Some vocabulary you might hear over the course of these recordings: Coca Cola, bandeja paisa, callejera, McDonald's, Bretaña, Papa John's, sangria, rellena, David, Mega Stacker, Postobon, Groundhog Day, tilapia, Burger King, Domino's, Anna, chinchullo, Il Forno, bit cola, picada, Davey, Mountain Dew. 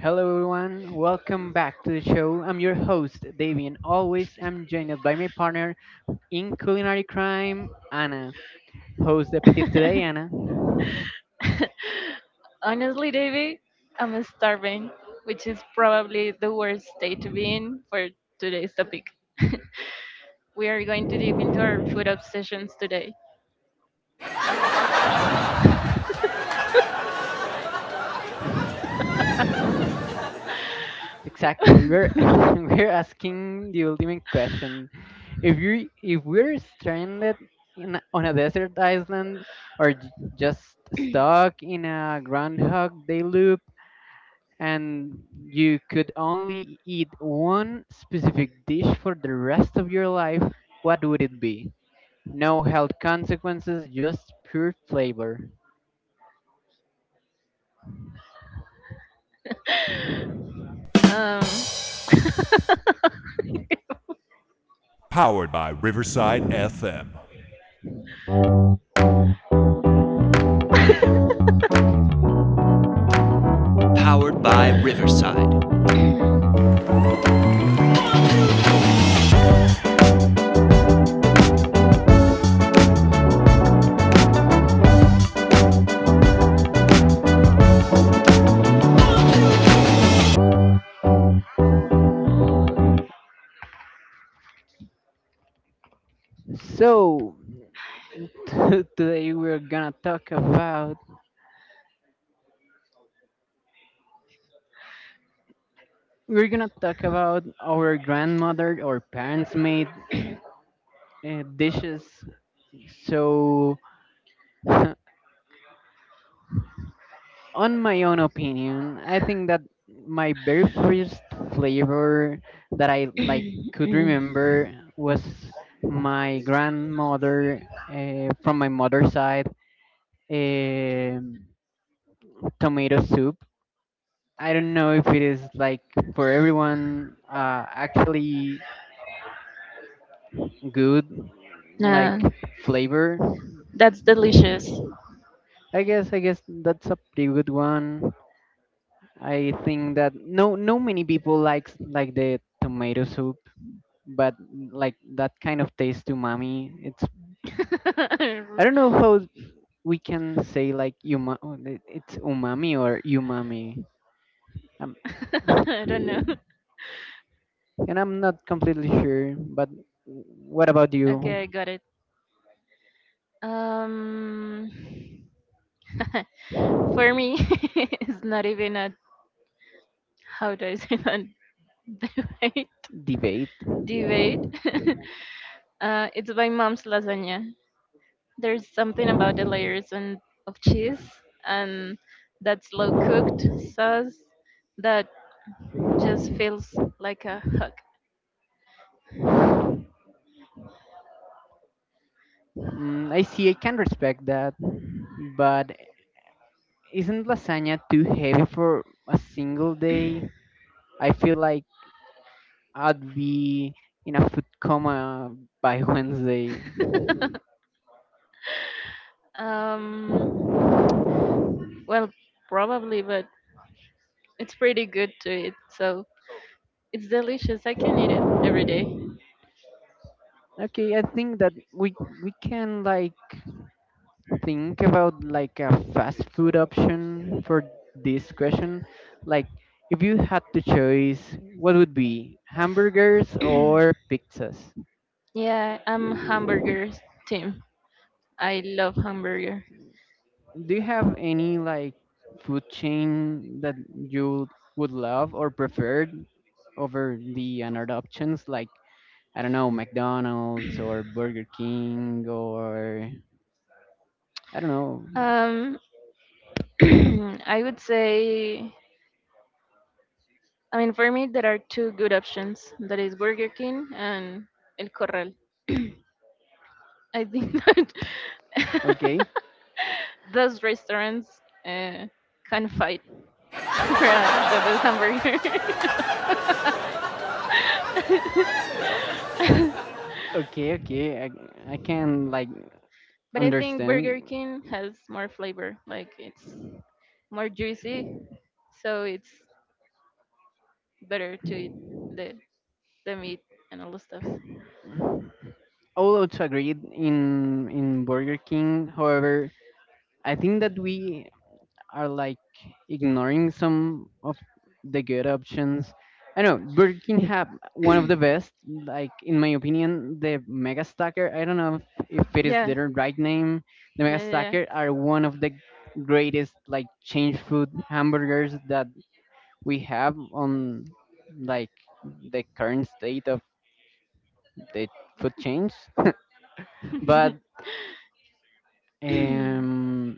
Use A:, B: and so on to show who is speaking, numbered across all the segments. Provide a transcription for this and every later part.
A: Hello everyone, welcome back to the show. I'm your host, Davey, and always I'm joined by my partner in culinary crime, Anna. Host the petit today, Anna.
B: Honestly, David, I'm starving, which is probably the worst state to be in for today's topic. We are going to deep into our food obsessions today.
A: Exactly, we're we're asking the ultimate question: if we're stranded in on a desert island or just stuck in a Groundhog Day loop, and you could only eat one specific dish for the rest of your life, what would it be? No health consequences, just pure flavor.
B: Um,
A: So, today we're gonna talk about our grandmother or parents made dishes. So, on my own opinion, I think that my very first flavor that I like could remember was my grandmother from my mother's side um tomato soup. I don't know if it is like for everyone actually good like
B: nah,
A: flavor.
B: that's delicious.
A: I guess that's a pretty good one. I think that no many people likes like the tomato soup, but like that kind of taste umami, it's I don't know how we can say like oh, it's umami or umami. um,
B: I don't know.
A: and I'm not completely sure, but what about you?
B: Okay, I got it. Um, for me, it's not even a, how do I say that, debate.
A: Debate.
B: Debate. It's my mom's lasagna. There's something about the layers and of cheese and that slow cooked sauce that just feels like a hug.
A: Mm, I see, I can respect that, but isn't lasagna too heavy for a single day? I feel like I'd be in a food coma by Wednesday.
B: Um, well, probably, but it's pretty good to eat. So, it's delicious. I can eat it every day.
A: Okay, I think that we can like think about like a fast food option for this question. Like, if you had to choose, what would be hamburgers or pizzas?
B: Yeah, I'm hamburgers team. I love hamburger.
A: Do you have any like food chain that you would love or prefer over the another options? Like, I don't know, McDonald's or Burger King or I don't know.
B: Um, I would say, I mean, for me, there are two good options. That is Burger King and El Corral. I think that
A: Okay,
B: those restaurants uh, can fight for the best hamburger.
A: okay, okay. I can like
B: But I think
A: understand.
B: Burger King has more flavor. Like, it's more juicy, so it's better to eat the the meat and all the stuff.
A: Although to agree in Burger King, however, I think that we are like ignoring some of the good options. I know Burger King have one of the best, like in my opinion, the Mega Stacker. I don't know if it is
B: Yeah.
A: their right name. The Mega
B: Yeah, yeah, yeah.
A: Stacker are one of the greatest like change food hamburgers that we have on like the current state of the food chains. But um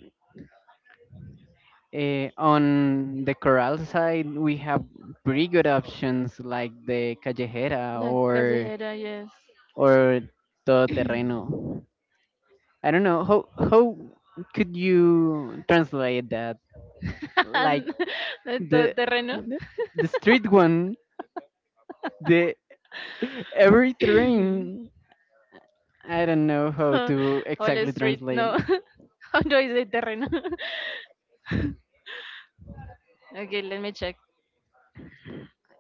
A: Eh, on the corral side, we have pretty good options like the callejera
B: La callejera, yes.
A: or todo terreno. I don't know how could you translate that? Like
B: And the
A: the
B: terreno.
A: the, the street one, the every terrain. I don't know how to
B: Wall
A: exactly
B: Street,
A: translate.
B: no. How do I say terreno? Okay, let me check.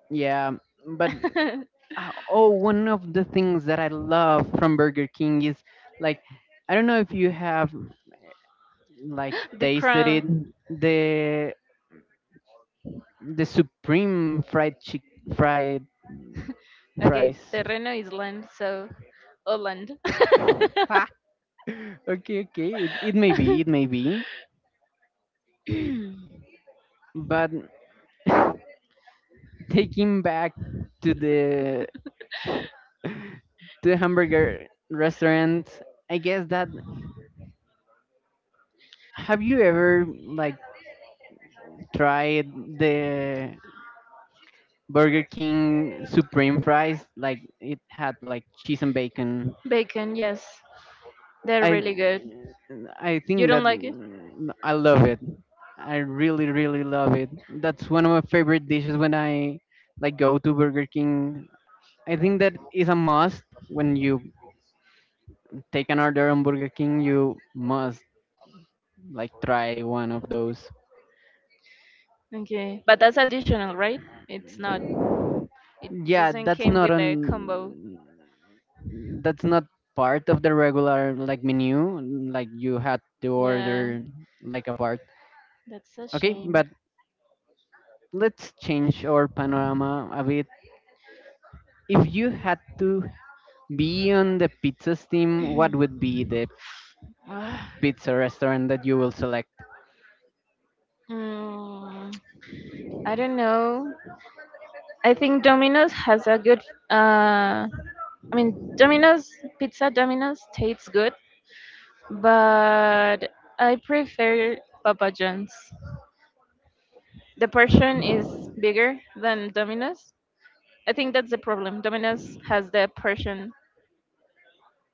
A: Yeah, but oh, one of the things that I love from Burger King is like I don't know if you have like
B: The
A: tasted
B: crown.
A: it the supreme fried
B: Okay,
A: fries.
B: terreno is land, so Holland.
A: Okay, okay, it may be, it may be, but taking back to the hamburger restaurant, I guess that have you ever like tried the Burger King supreme fries, like it had like cheese and bacon?
B: Bacon, yes. They're
A: I
B: really good.
A: I
B: You
A: think
B: don't
A: that
B: like it?
A: mm, I love it. I really really love it. That's one of my favorite dishes when I like go to Burger King. I think that is a must when you take an order on Burger King, you must like try one of those.
B: Okay. But that's additional, right? It's not. It
A: Yeah,
B: doesn't
A: that's
B: came
A: not
B: with the combo.
A: on that's not part of the regular like menu, like you had to
B: Yeah,
A: order like a part.
B: that's a
A: Okay,
B: shame.
A: but let's change our panorama a bit. If you had to be on the pizzas team, what would be the
B: Ah.
A: pizza restaurant that you will select?
B: Mm, I don't know. I think Domino's has a good, uh I mean, Domino's pizza, Domino's tastes good, but I prefer Papa John's. The portion is bigger than Domino's. I think that's the problem. Domino's has the portion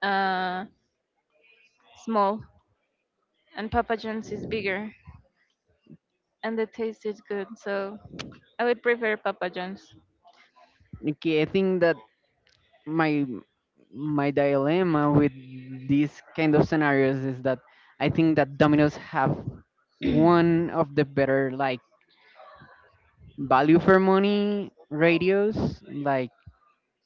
B: uh, small, and Papa John's is bigger, and the taste is good. So I would prefer Papa John's.
A: Okay, I think that my my dilemma with these kind of scenarios is that I think that Domino's have one of the better like value for money radios. Like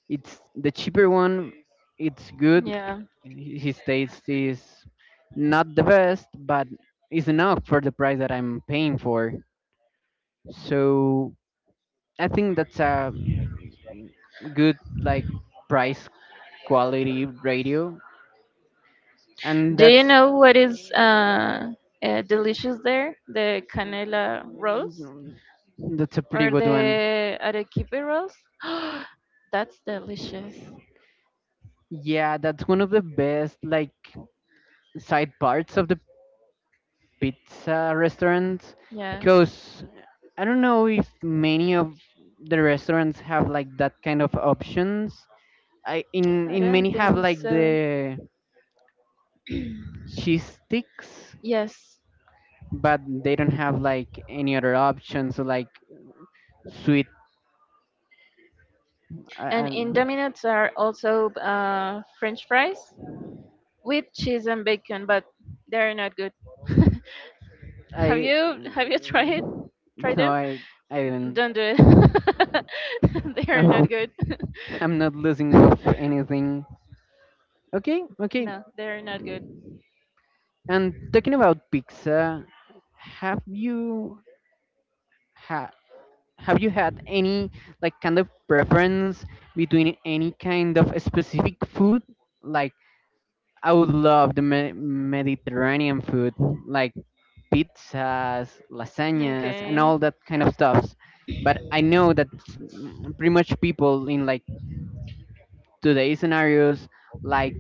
A: it's the cheaper one, it's good.
B: Yeah.
A: His taste is not the best, but it's enough for the price that I'm paying for. So I think that's a mm, good like price quality radio, and
B: Do you
A: that's
B: know what is delicious there? The canela rolls
A: mm, that's a pretty
B: or
A: good one.
B: the arequipe rolls? That's delicious.
A: Yeah, that's one of the best like side parts of the pizza restaurant,
B: Yeah.
A: because I don't know if many of the restaurants have like that kind of options. I in
B: I
A: many
B: don't
A: have
B: think
A: like
B: so.
A: the cheese sticks,
B: Yes.
A: but they don't have like any other options like sweet
B: And
A: i
B: in Domino's are also French fries with cheese and bacon, but they're not good.
A: i
B: have
A: i
B: you have you tried
A: mm,
B: tried
A: no
B: them?
A: I didn't
B: Don't do it. They're not
A: i'm,
B: good.
A: I'm not losing of anything. Okay, okay,
B: No, they're not good.
A: and talking about pizza, have you had have you had any like kind of preference between any kind of specific food like I would love the mediterranean food, like pizzas, lasagnas, and all
B: Okay.
A: that kind of stuffs. But I know that mm, pretty much people in like today's scenarios like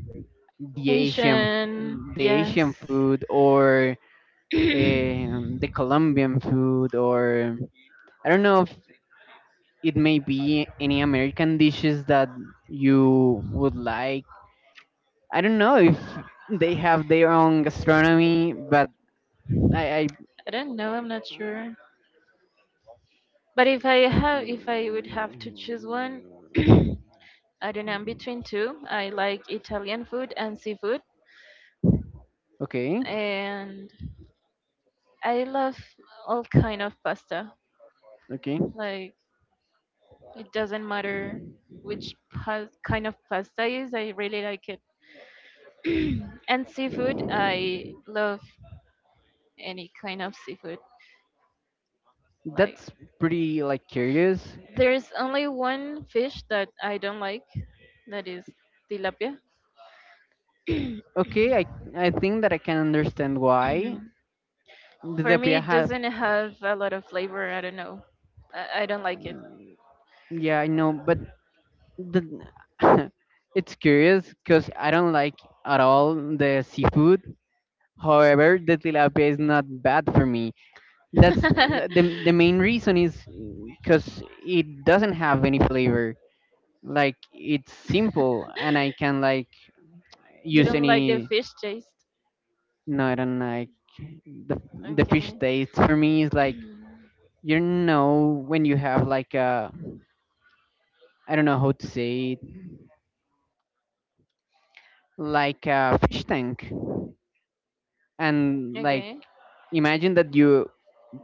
A: the
B: Asian.
A: the
B: Yes.
A: Asian food or the Colombian food, or I don't know if it may be any American dishes that you would like. I don't know if they have their own gastronomy, but I
B: I don't know. I'm not sure. But if I would have to choose one, I don't know. I'm between two. I like Italian food and seafood,
A: okay,
B: and I love all kind of pasta.
A: okay.
B: Like, it doesn't matter which kind of pasta is. I really like it. And seafood, I love any kind of seafood. Like,
A: That's pretty like curious.
B: there's only one fish that I don't like, that is tilapia.
A: Okay, I think that I can understand why the
B: For me,
A: Depia
B: it
A: have.
B: doesn't have a lot of flavor. I don't know. I don't like it.
A: Yeah, I know, but the it's curious because I don't like at all the seafood. However, the tilapia is not bad for me. That's the the main reason is because it doesn't have any flavor. Like it's simple, and I can like
B: You
A: use
B: don't like the
A: any.
B: fish taste?
A: No, I don't like the the fish
B: Okay.
A: taste, for me is like you know when you have like a I don't know how to say it, like a fish tank and like
B: Okay.
A: imagine that you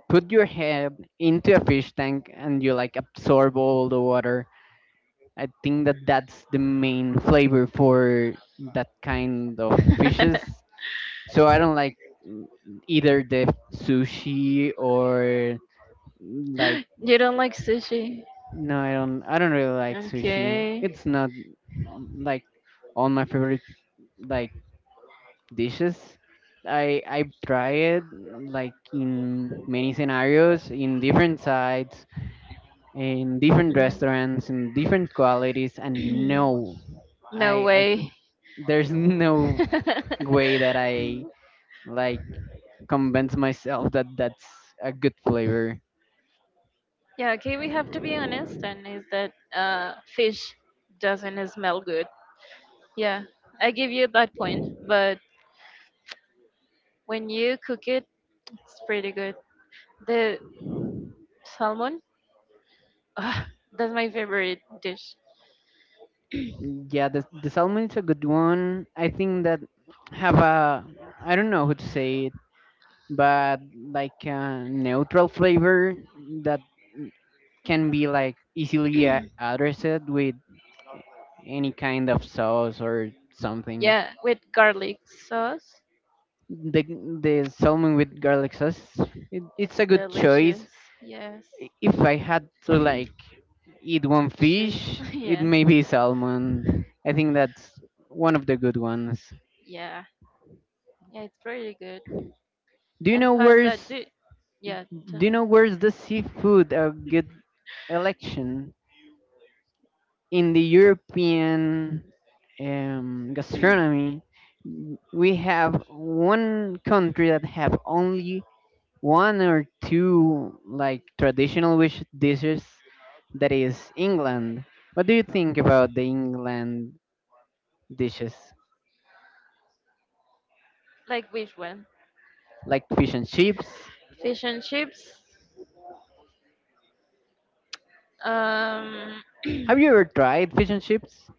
A: put your head into a fish tank and you like absorb all the water. I think that that's the main flavor for that kind of fishes. So I don't like mm, either the sushi or like
B: You don't like sushi?
A: no I don't I don't really like sushi,
B: Okay.
A: it's not mm, like all my favorite like dishes. I tried like in many scenarios, in different sites, in different
B: Mm.
A: restaurants, in different qualities, and no,
B: No
A: I
B: way.
A: there's no way that I like convince myself that that's a good flavor.
B: Yeah, okay, we have to be honest, and is that fish doesn't smell good. Yeah, I give you that point, but when you cook it, it's pretty good. The salmon, ah, that's my favorite dish.
A: Yeah, the salmon is a good one. I think that have a I don't know how to say it, but like a neutral flavor that can be like easily addressed with any kind of sauce or something.
B: Yeah, with garlic sauce,
A: The salmon with garlic sauce, it, it's
B: it's
A: a good choice.
B: delicious. Yes,
A: If I had to like eat one
B: cheese,
A: fish, it
B: yeah.
A: may be salmon. I think that's one of the good ones.
B: Yeah, yeah, it's pretty good.
A: Do you
B: And
A: know
B: pasta,
A: where's
B: do yeah, tell
A: Do you
B: me,
A: know where's the seafood a good election? In the European gastronomy, we have one country that have only one or two like traditional wish dishes. That is England. What do you think about the England dishes,
B: like, which one?
A: like fish and chips?
B: Fish and chips. Um,
A: Have you ever tried fish and chips?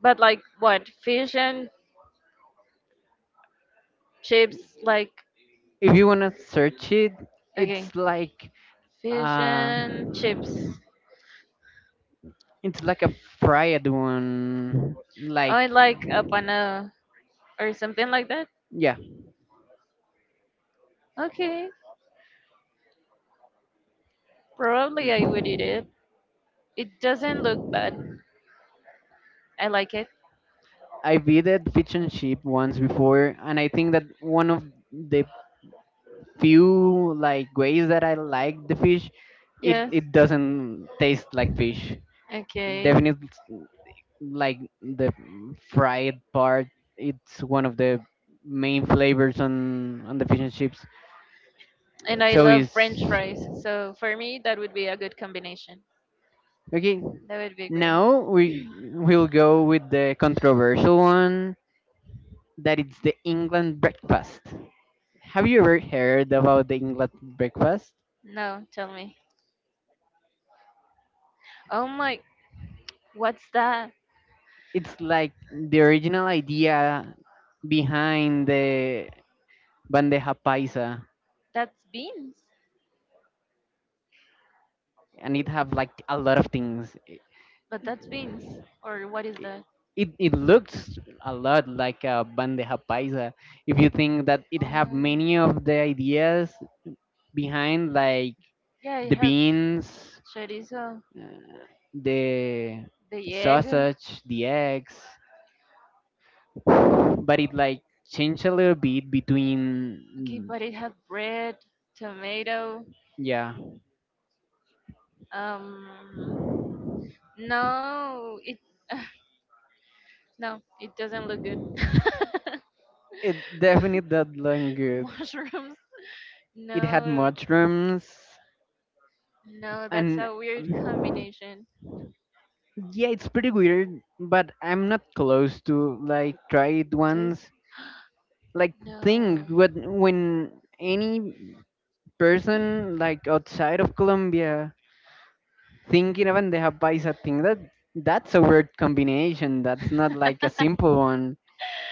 B: but like what? Fish and chips. Like,
A: If you wanna search it,
B: okay,
A: it's like
B: fish
A: uh,
B: and chips.
A: it's like a fried one, like
B: I like a pana or something like that.
A: yeah,
B: Okay, probably I would eat it. It doesn't look bad. I like it.
A: I've eaten fish and chip once before, and I think that one of the few like ways that I like the fish, it
B: Yes.
A: it doesn't taste like fish. It
B: Okay.
A: definitely like the fried part. It's one of the main flavors on the fish and chips.
B: And I
A: So
B: love
A: it's
B: French fries. So for me, that would be a good combination.
A: okay.
B: That would be great.
A: Now we will go with the controversial one. That it's the England breakfast. Have you ever heard about the England breakfast?
B: No, tell me. Oh my, what's that?
A: It's like the original idea behind the bandeja paisa,
B: That's beans.
A: and it have like a lot of things it,
B: But that's beans. Or what is that?
A: it, it looks a lot like a bandeja paisa if you think that it have many
B: Oh.
A: of the ideas behind like
B: Yeah, I
A: the
B: have
A: beans
B: chorizo,
A: the
B: the egg.
A: sausage the eggs, but it like changed a little bit
B: Okay,
A: between
B: but it had bread, tomato.
A: yeah
B: Um, no, it no, it doesn't look good.
A: it definitely does look good.
B: Mushrooms.
A: It had
B: No,
A: mushrooms,
B: no, that's
A: and
B: a weird
A: um,
B: combination.
A: yeah, it's pretty weird. But I'm not close to like try it
B: Taste?
A: once. Like think
B: No.
A: what when any person like outside of Colombia thinking of bandeja paisa, think that that's a weird combination. That's not like a simple one.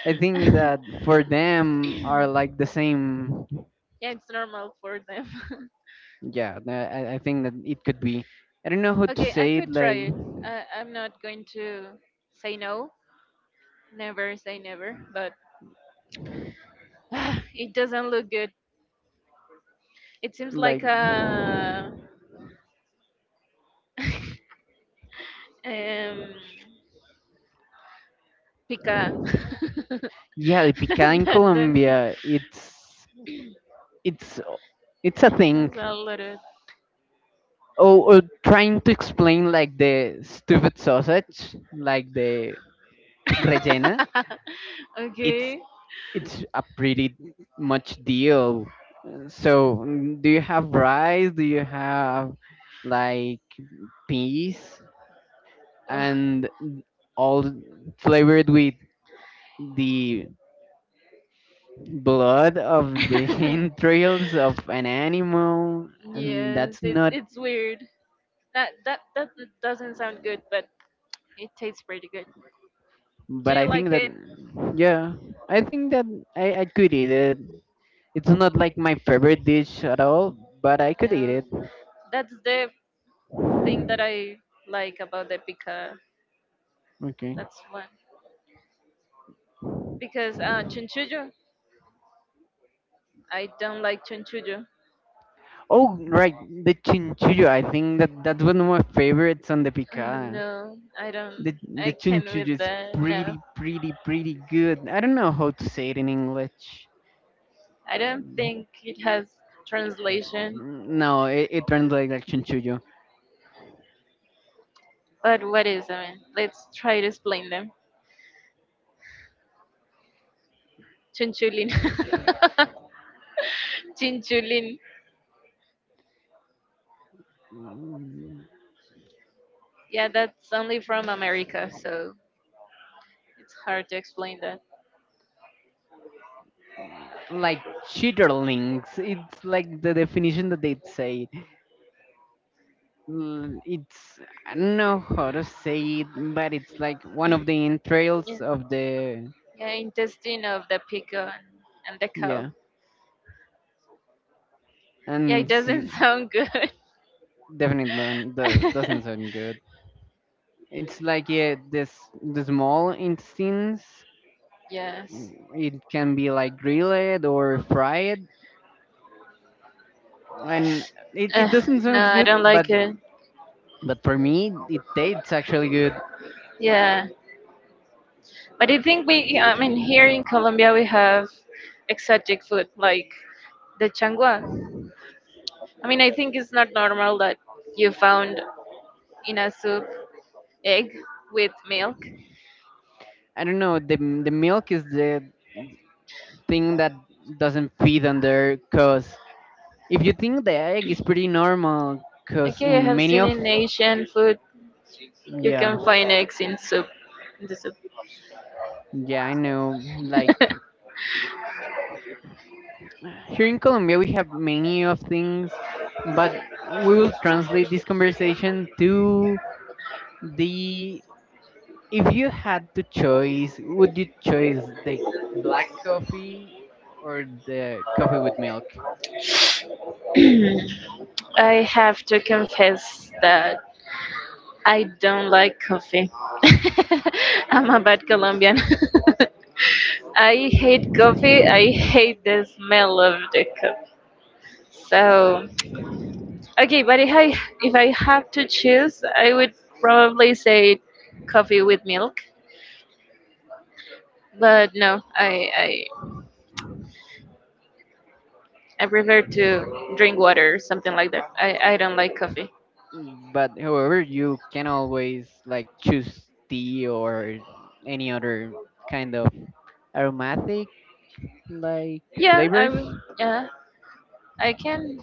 A: I think that for them are like the same.
B: Yeah, it's normal for them.
A: Yeah, I I think that it could be. I don't know how to
B: Okay, I
A: say it.
B: could try it. I'm not going to say no. Never say never, but it doesn't look good. It seems
A: Like
B: like a um, pica.
A: yeah, the picada
B: And
A: in
B: then
A: Colombia, it's it's a
B: it's
A: thing.
B: a little.
A: Or trying to explain like the stupid sausage, like the rellena, it's
B: Okay.
A: it's a pretty much deal. So, mm, do you have rice? Do you have like peas
B: Ugh.
A: and all flavored with the blood of the entrails of an animal? And
B: Yes,
A: that's
B: it's
A: not
B: it's weird. That doesn't sound good, but it tastes pretty good. Do
A: but
B: you
A: I think
B: like
A: that
B: it?
A: yeah, I think that I could eat it. It's not like my favorite dish at all, but I could eat
B: No.
A: it.
B: That's the thing that I like about the pica.
A: Okay.
B: That's one. Because chunchullo, I don't like chunchullo.
A: Oh right, the chinchullo. I think that that's one of my favorites on the
B: I
A: picada.
B: know. I don't.
A: The
B: I can't
A: chinchullo
B: with
A: is
B: the no.
A: pretty pretty good. I don't know how to say it in English.
B: I don't think it has translation.
A: No, it translates like chinchullo.
B: But what is it? Let's try to explain them. Chinchulin. Chinchulin.
A: Mm,
B: Yeah, that's only from America, so it's hard to explain that.
A: like chitterlings. It's like the definition that they say. Mm, it's I don't know how to say it, but it's like one of the
B: Yeah,
A: entrails of the
B: yeah, intestine of the peacock and the cow.
A: yeah,
B: Yeah, it
A: and
B: doesn't
A: see,
B: sound good.
A: definitely doesn't sound good. It's like yeah, this the small intestines.
B: Yes.
A: It can be like grilled or fried, and it,
B: Uh,
A: it doesn't
B: no,
A: sound
B: I
A: good,
B: don't
A: but
B: like it.
A: but for me it tastes actually good.
B: Yeah, but I think we. I mean, here in Colombia we have exotic food like the changua. I mean, I think it's not normal that you found in a soup egg with milk.
A: I don't know, the milk is the thing that doesn't feed under cause if you think the egg is pretty normal, cause
B: Okay, I
A: in
B: have
A: many
B: seen
A: of
B: in Asian food you
A: yeah,
B: can find eggs in soup. In the soup.
A: yeah I know. Like here in Colombia we have many of things, but we will translate this conversation to the, if you had to choice, would you choose the black coffee or the coffee with milk?
B: I have to confess that I don't like coffee. I'm a bad Colombian. I hate coffee. I hate the smell of the cup. So, okay, but if I have to choose, I would probably say coffee with milk. But no, I prefer to drink water, or something like that. I don't like coffee.
A: But however, you can always like choose tea or any other kind of aromatic, like
B: Yeah, I'm
A: flavors,
B: yeah, I can.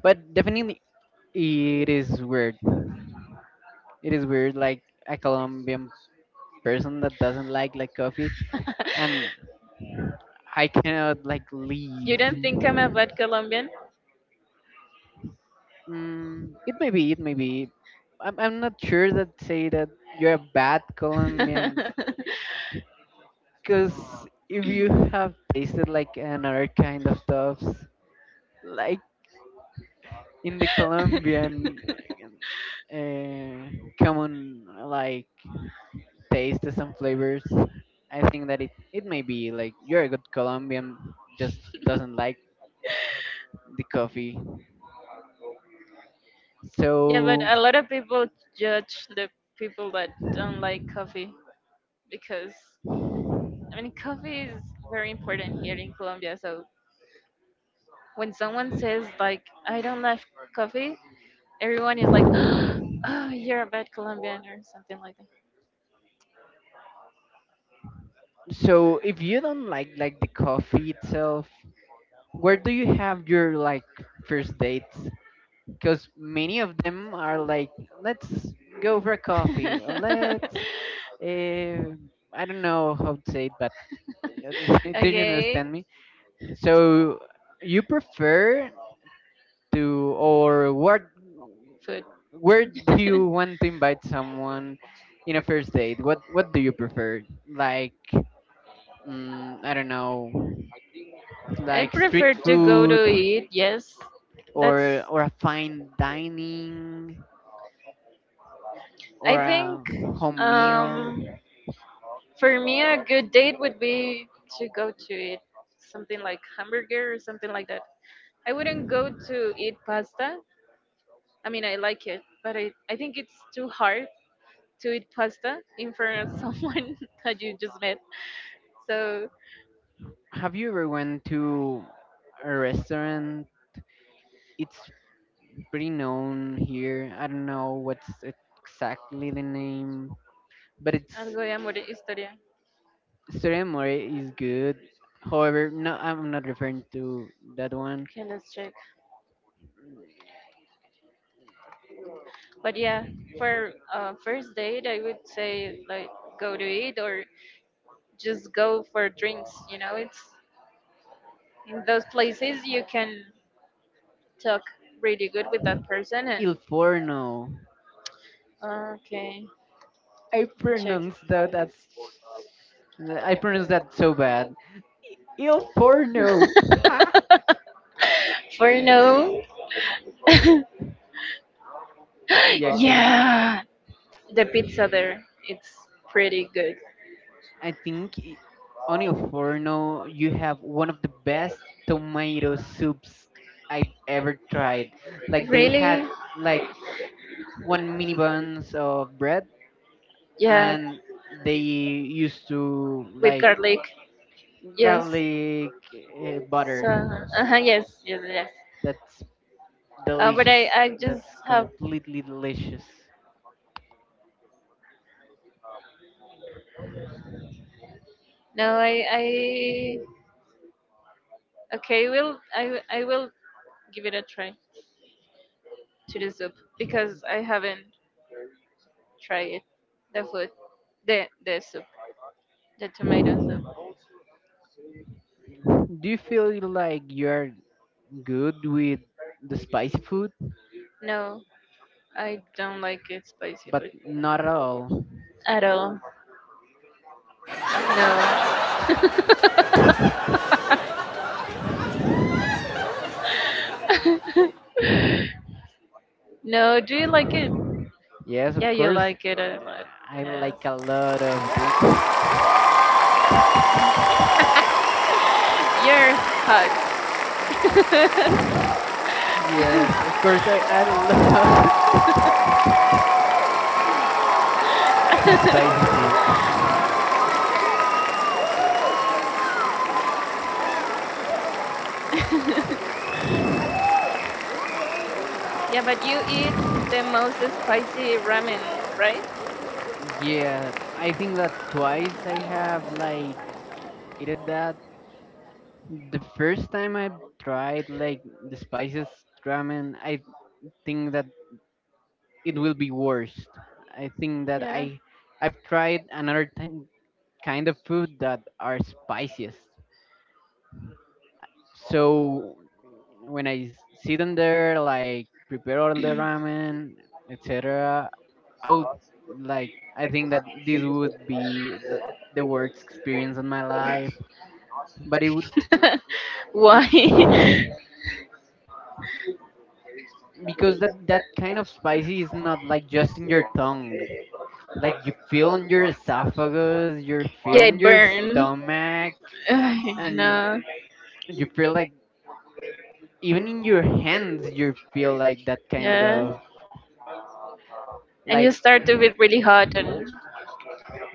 A: but definitely it is weird. It is weird, like a Colombian person that doesn't like coffee, and I cannot like
B: You
A: leave.
B: don't think I'm a bad Colombian?
A: Mm, it may be, it may be. I'm not sure that say that you're a bad Colombian, because if you have tasted like another kind of stuffs, like in the Colombian uh, common like taste some flavors. I think that it may be like you're a good Colombian, just doesn't like the coffee.
B: Yeah, but
A: So
B: a lot of people judge the people that don't like coffee because I mean, coffee is very important here in Colombia. So when someone says, like, I don't like coffee, everyone is like, "Oh, you're a bad Colombian," or something like that.
A: so if you don't like the coffee itself, where do you have your like first dates? Because many of them are like, let's go for a coffee, or let's, uh, I don't know how to say it, but do you
B: Okay,
A: understand me? So you prefer to, or what,
B: food.
A: where do you want to invite someone in a first date? What do you prefer, like mm, I don't know,
B: I
A: like
B: prefer
A: street
B: to go
A: food,
B: to eat. Yes, that's.
A: or a fine dining,
B: I
A: or
B: think,
A: a home meal?
B: um, for me, a good date would be to go to eat something like hamburger or something like that. I wouldn't go to eat pasta. I mean, I like it, but I think it's too hard to eat pasta in front of someone that you just met. So
A: Have you ever went to a restaurant? It's pretty known here, I don't know what's exactly the name, but it's
B: algo de amor y historia.
A: Story More is good. However, no, I'm not referring to that one.
B: Okay, let's check. But yeah, for first date, I would say, like, go to eat or just go for drinks, it's in those places you can talk really good with that person
A: Il
B: and
A: Forno.
B: okay
A: I
B: check
A: pronounce that as, I pronounce that so bad. Il Forno. Ha!
B: for no.
A: Yeah, because
B: Yeah, the pizza there, it's pretty good.
A: I think i- on Il Forno you have one of the best tomato soups I've ever tried. Like they had
B: Really.
A: like one mini buns of bread,
B: Yeah,
A: and they used to
B: with
A: like
B: garlic. Yes.
A: garlic butter.
B: So, uh-huh, yes, yes, yes.
A: That's
B: But i
A: delicious.
B: i just
A: That's
B: have,
A: completely delicious.
B: no, I, okay. Will i i will give it a try to the soup because I haven't. Try it. The food. The soup. The tomato soup.
A: Do you feel like you're good with the spicy food?
B: No, I don't like it spicy
A: But
B: food
A: not at all.
B: at all. No. No, do you like it?
A: Yes, of
B: Yeah, you
A: course.
B: like it a lot.
A: I like a lot of the.
B: Yes. You're hot.
A: Yes, of course. I love the spicy food.
B: Yeah, but you eat the most spicy ramen, right?
A: Yeah, I think that twice I have like eaten that. The first time I tried like the spices ramen, I think that it will be worst. I think that
B: Yeah.
A: I've tried another thing, kind of food that are spiciest. So when I sit in there, like prepare all the ramen, etc., I would like, I think that this would be the worst experience in my life. But it would
B: Why?
A: it. Because that that kind of spicy is not like just in your tongue, like you feel in your esophagus, you feel
B: Yeah,
A: in
B: it
A: your
B: burns.
A: stomach, and
B: No.
A: you feel like even in your hands you feel like that kind
B: Yeah.
A: of
B: And
A: like,
B: you start to feel really hot and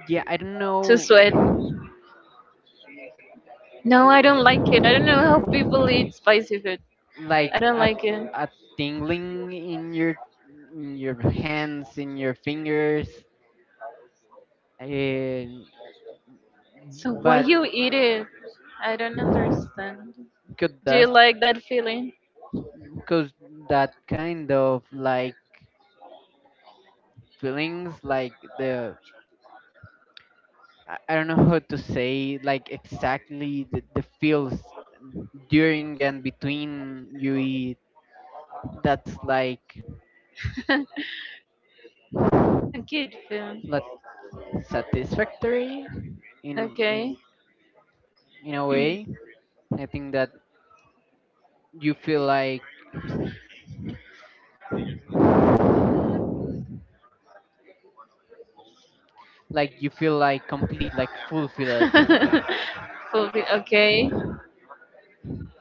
A: yeah, I don't
B: to
A: know,
B: sweat. No, I don't like it. I don't know how people eat spicy food. I
A: like
B: don't like it.
A: a tingling in your, in your hands, in your fingers, and
B: So why
A: but
B: you eat it? I don't understand.
A: could
B: Do you
A: that
B: like that feeling?
A: cause that kind of like feelings like the, I don't know how to say like exactly the feels during and between you eat, that's like
B: A kid food.
A: not satisfactory in,
B: Okay.
A: in in a way. I think that you feel like you feel like complete, like fulfilled,
B: Okay.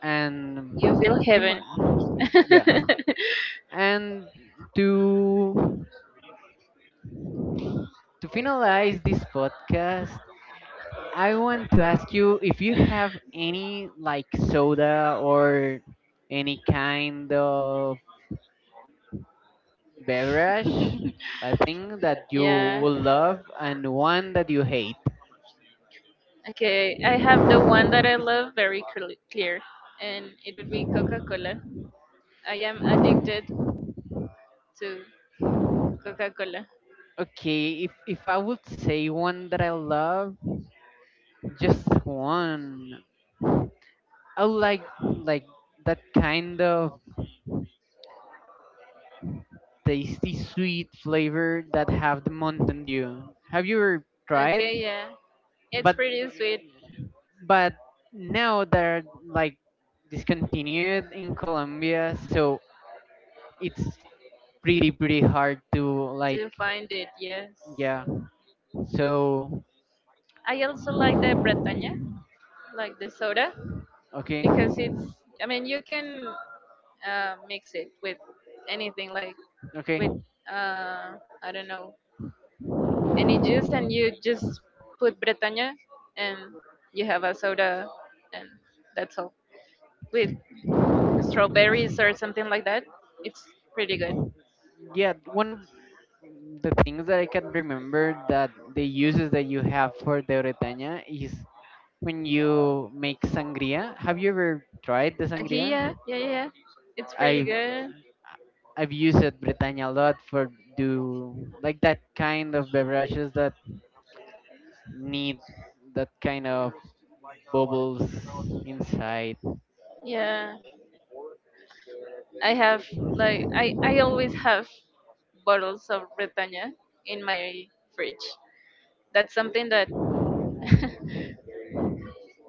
A: and
B: You feel
A: pretty
B: heaven.
A: much yeah. And to to finalize this podcast, I want to ask you if you have any like soda or any kind of beverage, I think that you
B: Yeah.
A: will love and one that you hate.
B: Okay. I have the one that I love very clear, and it would be Coca Cola. I am addicted to Coca Cola.
A: Okay, if I would say one that I love, just one, I would like that kind of tasty sweet flavor that have the Mountain Dew. Have you ever tried?
B: Okay. Yeah. It's
A: But
B: pretty sweet.
A: but now they're like discontinued in Colombia, so it's pretty pretty hard to like
B: To find it. Yes,
A: yeah. So
B: I also like the Bretaña, like the soda,
A: okay,
B: because it's. I mean, you can mix it with anything, like
A: okay,
B: with I don't know, any juice, and you just put Bretaña, and you have a soda, and that's all. With strawberries or something like that, it's pretty good.
A: yeah. One of the things that I can remember that the uses that you have for the Bretaña is when you make sangria. Have you ever tried the
B: Okay,
A: sangria?
B: yeah, yeah, yeah, yeah. It's pretty
A: I,
B: good.
A: I've used it Bretaña a lot for do like that kind of beverages that need that kind of bubbles inside.
B: Yeah, I have, like, I always have bottles of Red in my fridge. That's something that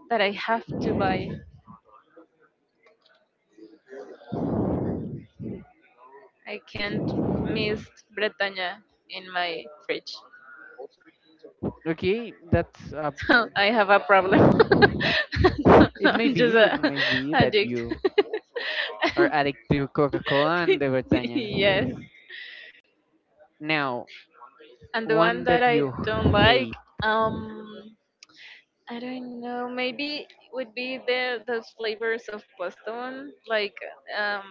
B: that I have to buy. I can't miss Bretaña in my fridge.
A: Okay, that's
B: So I have a problem. I'm just
A: it
B: a
A: may be that
B: addict.
A: you are addict to Coca-Cola and the Bretaña.
B: Yes.
A: Now,
B: And the one
A: one
B: that
A: that
B: I
A: you
B: don't like,
A: hate.
B: um, I don't know. Maybe would be the those flavors of Boston, like, um,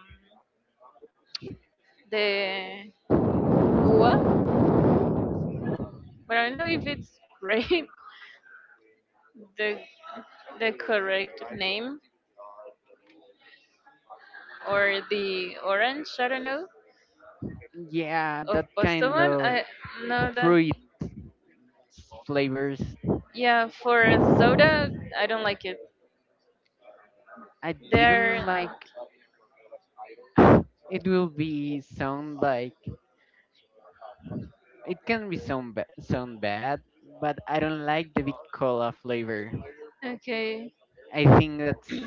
B: the uva. But I don't know if it's grape the the correct name or the orange I don't know
A: Yeah,
B: of
A: that kind
B: Postobon.
A: of
B: I know that
A: fruit flavors.
B: yeah for a soda I don't like it.
A: I
B: They're
A: didn't like, it will be sound like, it can be sound sound bad, but I don't like the bit cola flavor.
B: okay.
A: I think that's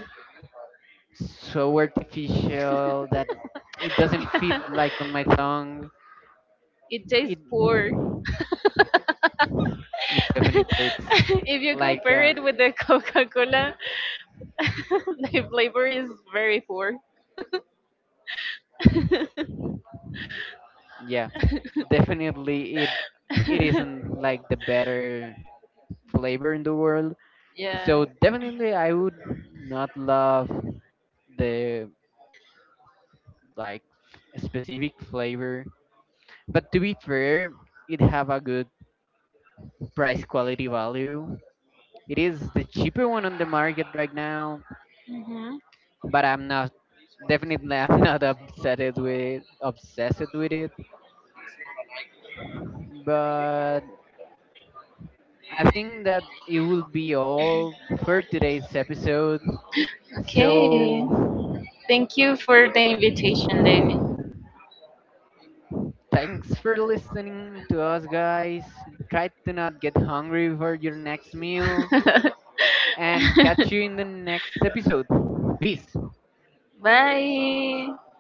A: so artificial that it doesn't fit like on my tongue.
B: It tastes
A: It
B: poor.
A: it definitely it's
B: If you
A: like
B: compare it with the Coca Cola, the flavor is very poor.
A: yeah, definitely it it isn't like the better flavor in the world. So
B: Yeah.
A: definitely I would not love the like specific flavor. But to be fair, it have a good price quality value. It is the cheaper one on the market right now,
B: Hmm.
A: but I'm not, definitely I'm not obsessed with it. But I think that it will be all for today's episode.
B: Okay.
A: So
B: Thank you for the invitation, David.
A: thanks for listening to us guys. Try to not get hungry for your next meal, and catch you in the next episode. Peace.
B: Bye.